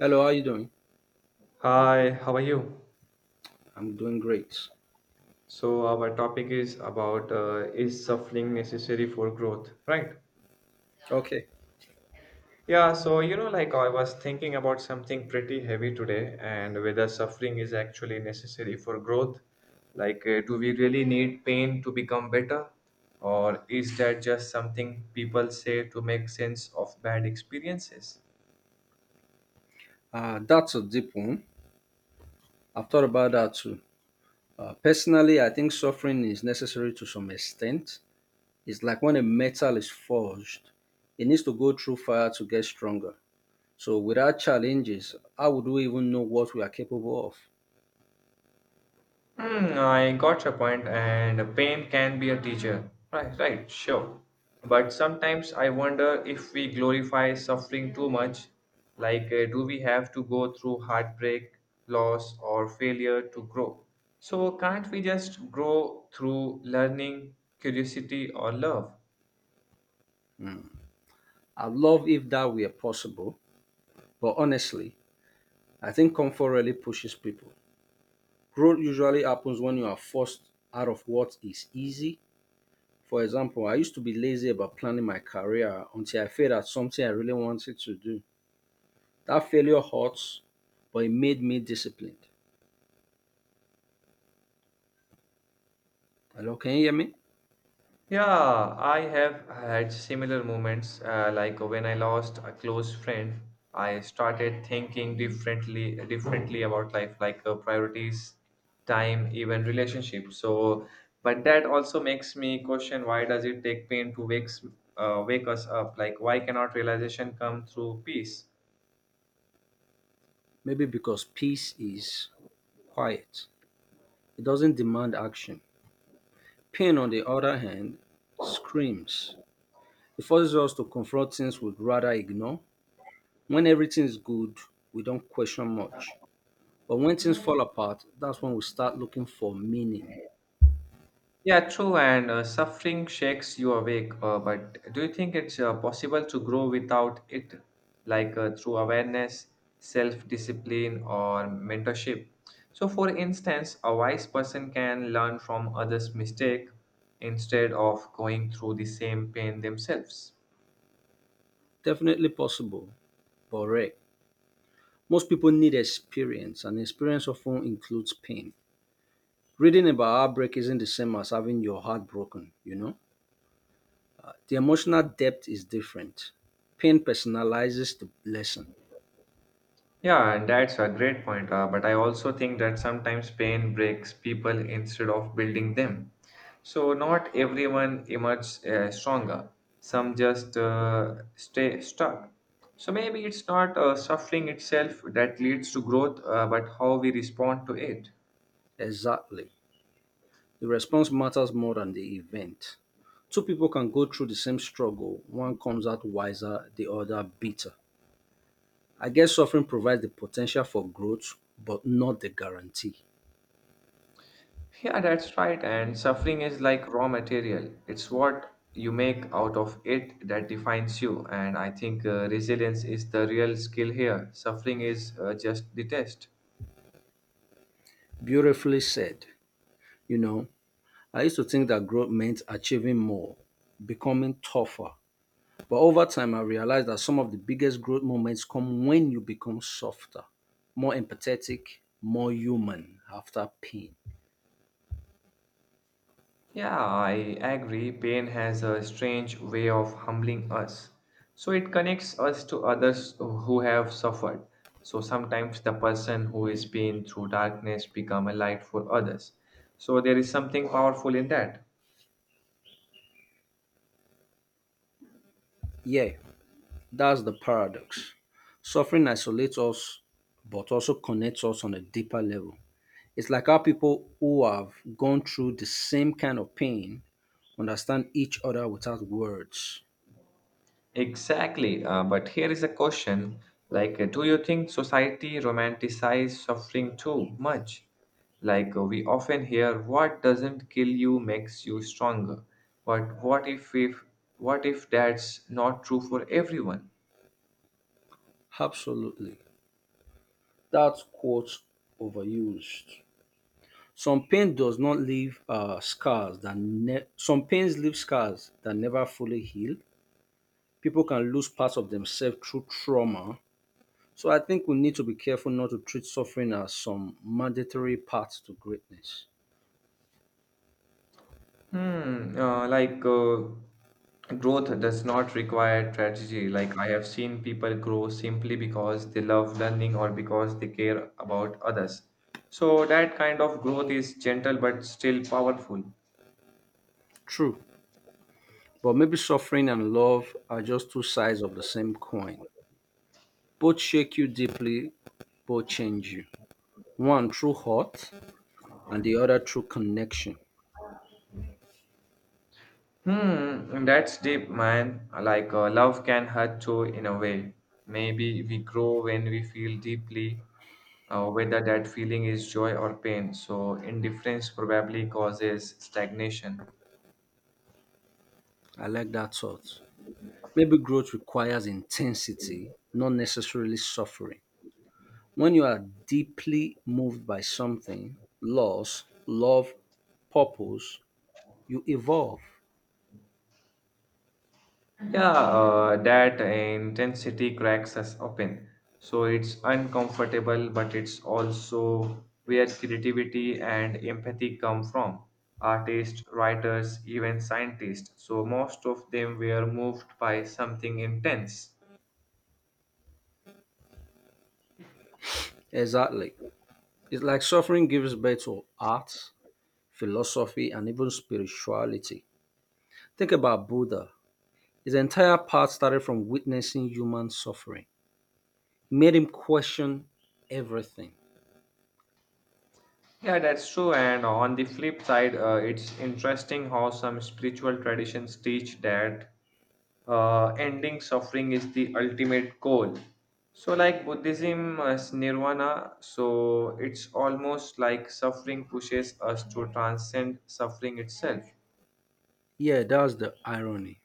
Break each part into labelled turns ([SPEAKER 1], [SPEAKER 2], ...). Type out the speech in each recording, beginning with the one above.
[SPEAKER 1] Hello, how you doing?
[SPEAKER 2] Hi, how are you?
[SPEAKER 1] I'm doing great.
[SPEAKER 2] So our topic is about is suffering necessary for growth, right?
[SPEAKER 1] Okay,
[SPEAKER 2] Yeah, so you know, like I was thinking about something pretty heavy today and whether suffering is actually necessary for growth. Like, do we really need pain to become better? Or is that just something people say to make sense of bad experiences?
[SPEAKER 1] that's a deep one. I've thought about that too. Personally, I think suffering is necessary to some extent. It's like when a metal is forged, it needs to go through fire to get stronger. So, without challenges, how would we even know what we are capable of?
[SPEAKER 2] Hmm, I got your point, and pain can be a teacher. Right, right, sure. But sometimes I wonder if we glorify suffering too much. Like, do we have to go through heartbreak, loss, or failure to grow? So, can't we just grow through learning, curiosity, or love?
[SPEAKER 1] I'd love if that were possible, but honestly, I think comfort really pushes people. Growth usually happens when you are forced out of what is easy. For example, I used to be lazy about planning my career until I failed at something I really wanted to do. That failure hurts, but it made me disciplined. Hello, can you hear me?
[SPEAKER 2] Yeah, I have had similar moments. Like when I lost a close friend, I started thinking differently about life, like priorities, time, even relationships. So, but that also makes me question, why does it take pain to wake us up? Like, why cannot realization come through peace?
[SPEAKER 1] Maybe because peace is quiet, it doesn't demand action. Pain, on the other hand, screams. It forces us to confront things we'd rather ignore. When everything is good, we don't question much. But when things fall apart, that's when we start looking for meaning.
[SPEAKER 2] Yeah, true. And suffering shakes you awake. But do you think it's possible to grow without it, like through awareness, self discipline, or mentorship? So, for instance, a wise person can learn from others' mistake instead of going through the same pain themselves.
[SPEAKER 1] Definitely possible, but rare. Most people need experience, and experience often includes pain. Reading about heartbreak isn't the same as having your heart broken, you know? The emotional depth is different. Pain personalizes the lesson.
[SPEAKER 2] Yeah, and that's a great point. But I also think that sometimes pain breaks people instead of building them. So not everyone emerges stronger. Some just stay stuck. So maybe it's not suffering itself that leads to growth, but how we respond to it.
[SPEAKER 1] Exactly. The response matters more than the event. Two people can go through the same struggle. One comes out wiser, the other bitter. I guess suffering provides the potential for growth, but not the guarantee.
[SPEAKER 2] Yeah, that's right. And suffering is like raw material. It's what you make out of it that defines you. And I think resilience is the real skill here. Suffering is just the test.
[SPEAKER 1] Beautifully said. You know, I used to think that growth meant achieving more, becoming tougher. But over time, I realized that some of the biggest growth moments come when you become softer, more empathetic, more human after pain.
[SPEAKER 2] Yeah, I agree. Pain has a strange way of humbling us. So it connects us to others who have suffered. So sometimes the person who is been through darkness become a light for others. So there is something powerful in that.
[SPEAKER 1] Yeah, that's the paradox. Suffering isolates us, but also connects us on a deeper level. It's like how people who have gone through the same kind of pain understand each other without words.
[SPEAKER 2] Exactly. But here is a question, like, do you think society romanticizes suffering too much? Like, we often hear, what doesn't kill you makes you stronger. But what if, what if that's not true for everyone?
[SPEAKER 1] Absolutely. That quote overused. Some pain does not leave scars that some pains leave scars that never fully heal. People can lose parts of themselves through trauma. So I think we need to be careful not to treat suffering as some mandatory path to greatness.
[SPEAKER 2] Hmm, growth does not require strategy. Like, I have seen people grow simply because they love learning or because they care about others. So that kind of growth is gentle but still powerful.
[SPEAKER 1] True, but maybe suffering and love are just two sides of the same coin. Both shake you deeply, both change you. One through hurt, and the other through connection.
[SPEAKER 2] Hmm, that's deep, man. Like, love can hurt too in a way. Maybe we grow when we feel deeply, whether that feeling is joy or pain. So indifference probably causes stagnation.
[SPEAKER 1] I like that thought. Maybe growth requires intensity, not necessarily suffering. When you are deeply moved by something, loss, love, purpose, you evolve.
[SPEAKER 2] Yeah, that intensity cracks us open. So it's uncomfortable, but it's also where creativity and empathy come from. Artists, writers, even scientists. So most of them were moved by something intense.
[SPEAKER 1] Exactly. It's like suffering gives birth to art, philosophy, and even spirituality. Think about Buddha. His entire path started from witnessing human suffering, made him question everything.
[SPEAKER 2] Yeah, that's true. And on the flip side, it's interesting how some spiritual traditions teach that ending suffering is the ultimate goal. So, like Buddhism is nirvana, so it's almost like suffering pushes us to transcend suffering itself.
[SPEAKER 1] Yeah, that's the irony.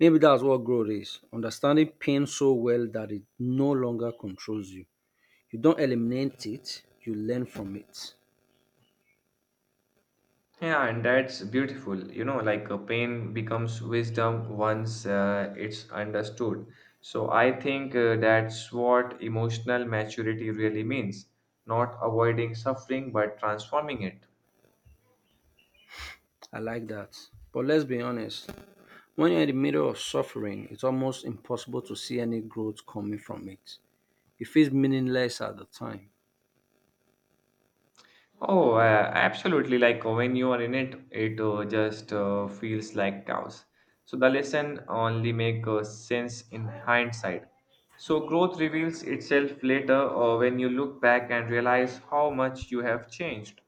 [SPEAKER 1] Maybe that's what growth is, understanding pain so well that it no longer controls you. You don't eliminate it, you learn from it.
[SPEAKER 2] Yeah, and that's beautiful. You know, like pain becomes wisdom once it's understood. So, I think that's what emotional maturity really means, not avoiding suffering but transforming it.
[SPEAKER 1] I like that. But let's be honest, when you're in the middle of suffering, it's almost impossible to see any growth coming from it. It feels meaningless at the time.
[SPEAKER 2] Oh, absolutely. Like, when you are in it, it just feels like chaos. So the lesson only make sense in hindsight. So growth reveals itself later when you look back and realize how much you have changed.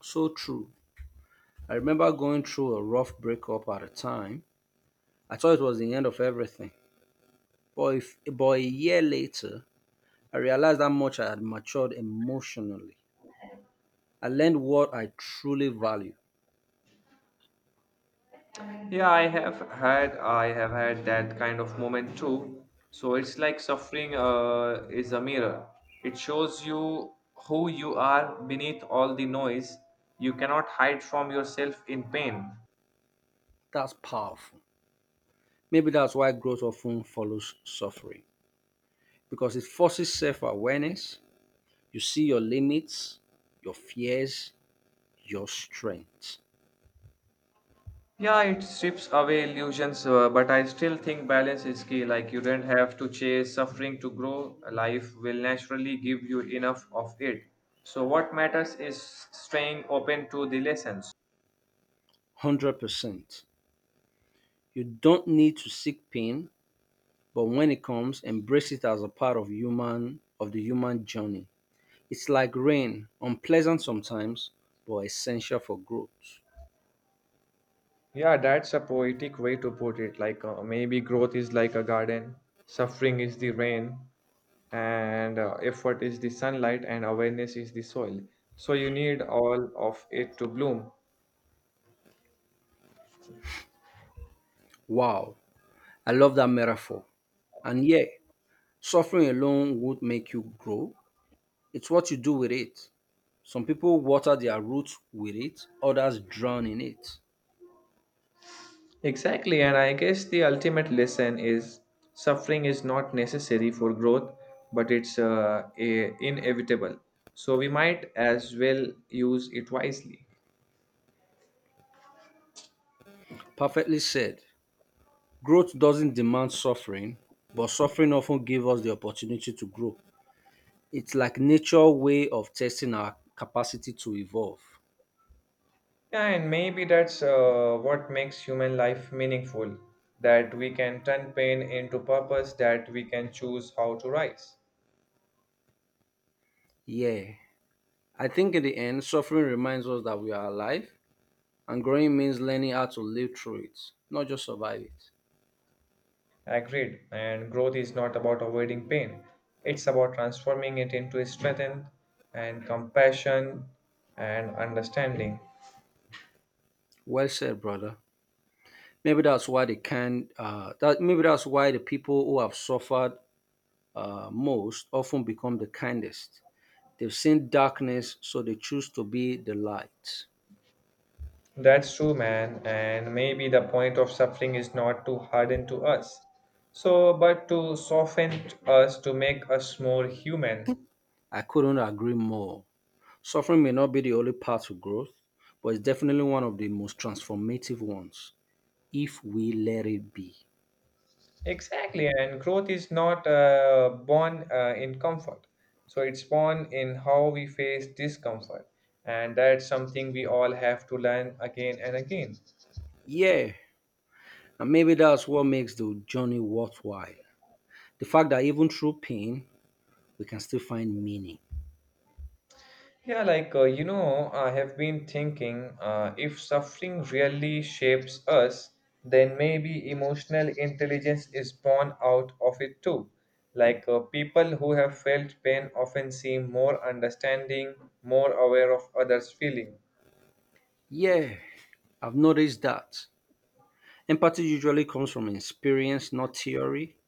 [SPEAKER 1] So true. I remember going through a rough breakup at a time. I thought it was the end of everything. But, if, but a year later, I realized how much I had matured emotionally. I learned what I truly value.
[SPEAKER 2] Yeah, I have had that kind of moment too. So it's like suffering is a mirror. It shows you who you are beneath all the noise. You cannot hide from yourself in pain.
[SPEAKER 1] That's powerful. Maybe that's why growth often follows suffering, because it forces self awareness. You see your limits, your fears, your strengths.
[SPEAKER 2] Yeah, it strips away illusions, but I still think balance is key. Like, you don't have to chase suffering to grow. Life will naturally give you enough of it. So, what matters is staying open to the lessons.
[SPEAKER 1] 100%. You don't need to seek pain, but when it comes, embrace it as a part of human of the human journey. It's like rain, unpleasant sometimes, but essential for growth.
[SPEAKER 2] Yeah, that's a poetic way to put it. Like, maybe growth is like a garden, suffering is the rain, and effort is the sunlight, and awareness is the soil. So, you need all of it to bloom.
[SPEAKER 1] Wow, I love that metaphor. And yeah, suffering alone won't make you grow. It's what you do with it. Some people water their roots with it, others drown in it.
[SPEAKER 2] Exactly, and I guess the ultimate lesson is, suffering is not necessary for growth, but it's inevitable. So we might as well use it wisely.
[SPEAKER 1] Perfectly said. Growth doesn't demand suffering, but suffering often gives us the opportunity to grow. It's like nature's way of testing our capacity to evolve.
[SPEAKER 2] Yeah, and maybe that's what makes human life meaningful, that we can turn pain into purpose, that we can choose how to rise.
[SPEAKER 1] Yeah. I think in the end, suffering reminds us that we are alive, and growing means learning how to live through it, not just survive it.
[SPEAKER 2] Agreed. And growth is not about avoiding pain, it's about transforming it into strength and compassion and understanding.
[SPEAKER 1] Well said, brother. Maybe that's why the people who have suffered most often become the kindest. They've seen darkness, so they choose to be the light.
[SPEAKER 2] That's true, man. And maybe the point of suffering is not to harden to us, so but to soften us, to make us more human.
[SPEAKER 1] I couldn't agree more. Suffering may not be the only path to growth, but it's definitely one of the most transformative ones if we let it be.
[SPEAKER 2] Exactly, and growth is not born in comfort. So it's born in how we face discomfort, and that's something we all have to learn again and again.
[SPEAKER 1] Yeah, and maybe that's what makes the journey worthwhile. The fact that even through pain, we can still find meaning.
[SPEAKER 2] Yeah, like, you know, I have been thinking, if suffering really shapes us, then maybe emotional intelligence is born out of it too. Like, people who have felt pain often seem more understanding, more aware of others' feeling.
[SPEAKER 1] Yeah, I've noticed that. Empathy usually comes from experience, not theory.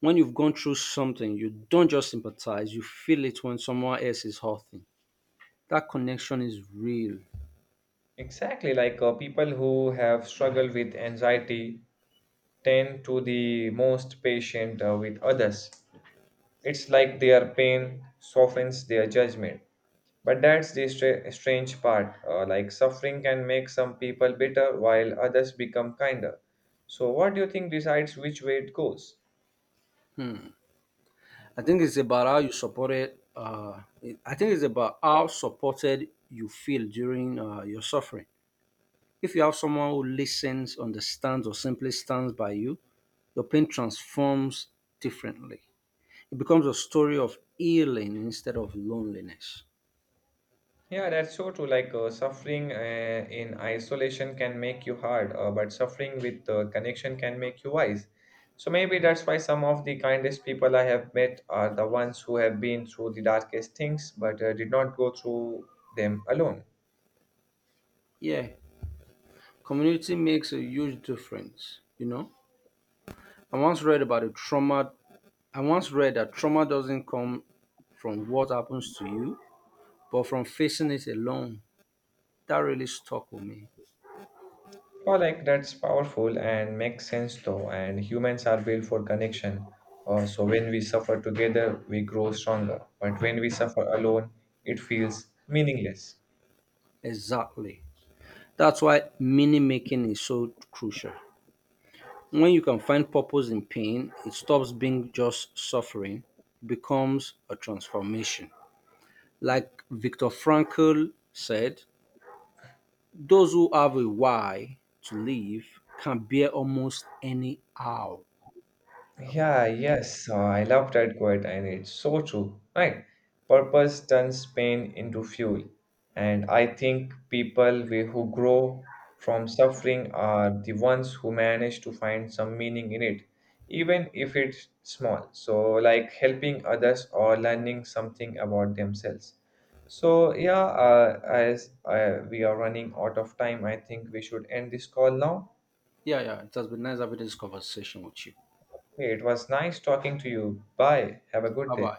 [SPEAKER 1] When you've gone through something, you don't just sympathize, you feel it when someone else is hurting. That connection is real.
[SPEAKER 2] Exactly, like people who have struggled with anxiety tend to the most patient with others. It's like their pain softens their judgment. But that's the strange part. Like suffering can make some people bitter while others become kinder. So, what do you think decides which way it goes?
[SPEAKER 1] I think it's about how you supported, uh, I think it's about how supported you feel during your suffering. If you have someone who listens, understands, or simply stands by you, your pain transforms differently. It becomes a story of healing instead of loneliness.
[SPEAKER 2] Yeah, that's so true. Like, suffering in isolation can make you hard, but suffering with connection can make you wise. So, maybe that's why some of the kindest people I have met are the ones who have been through the darkest things but did not go through them alone.
[SPEAKER 1] Yeah, community makes a huge difference, you know. I once read about a trauma I once read that trauma doesn't come from what happens to you, but from facing it alone. That really stuck with me.
[SPEAKER 2] Oh, like that's powerful and makes sense though. And humans are built for connection. So when we suffer together, we grow stronger. But when we suffer alone, it feels meaningless.
[SPEAKER 1] Exactly. That's why meaning making is so crucial. When you can find purpose in pain, it stops being just suffering, it becomes a transformation. Like Viktor Frankl said, those who have a why to live can bear almost any how. That's powerful.
[SPEAKER 2] Yeah, yes, I love that quote, and it's so true, right? Purpose turns pain into fuel, and I think people who grow from suffering are the ones who manage to find some meaning in it, even if it's small. So, like helping others or learning something about themselves. So, yeah, as we are running out of time, I think we should end this call now.
[SPEAKER 1] Yeah. It has been nice having this conversation with you.
[SPEAKER 2] Hey, it was nice talking to you. Bye. Have a good
[SPEAKER 1] Bye
[SPEAKER 2] day.
[SPEAKER 1] bye.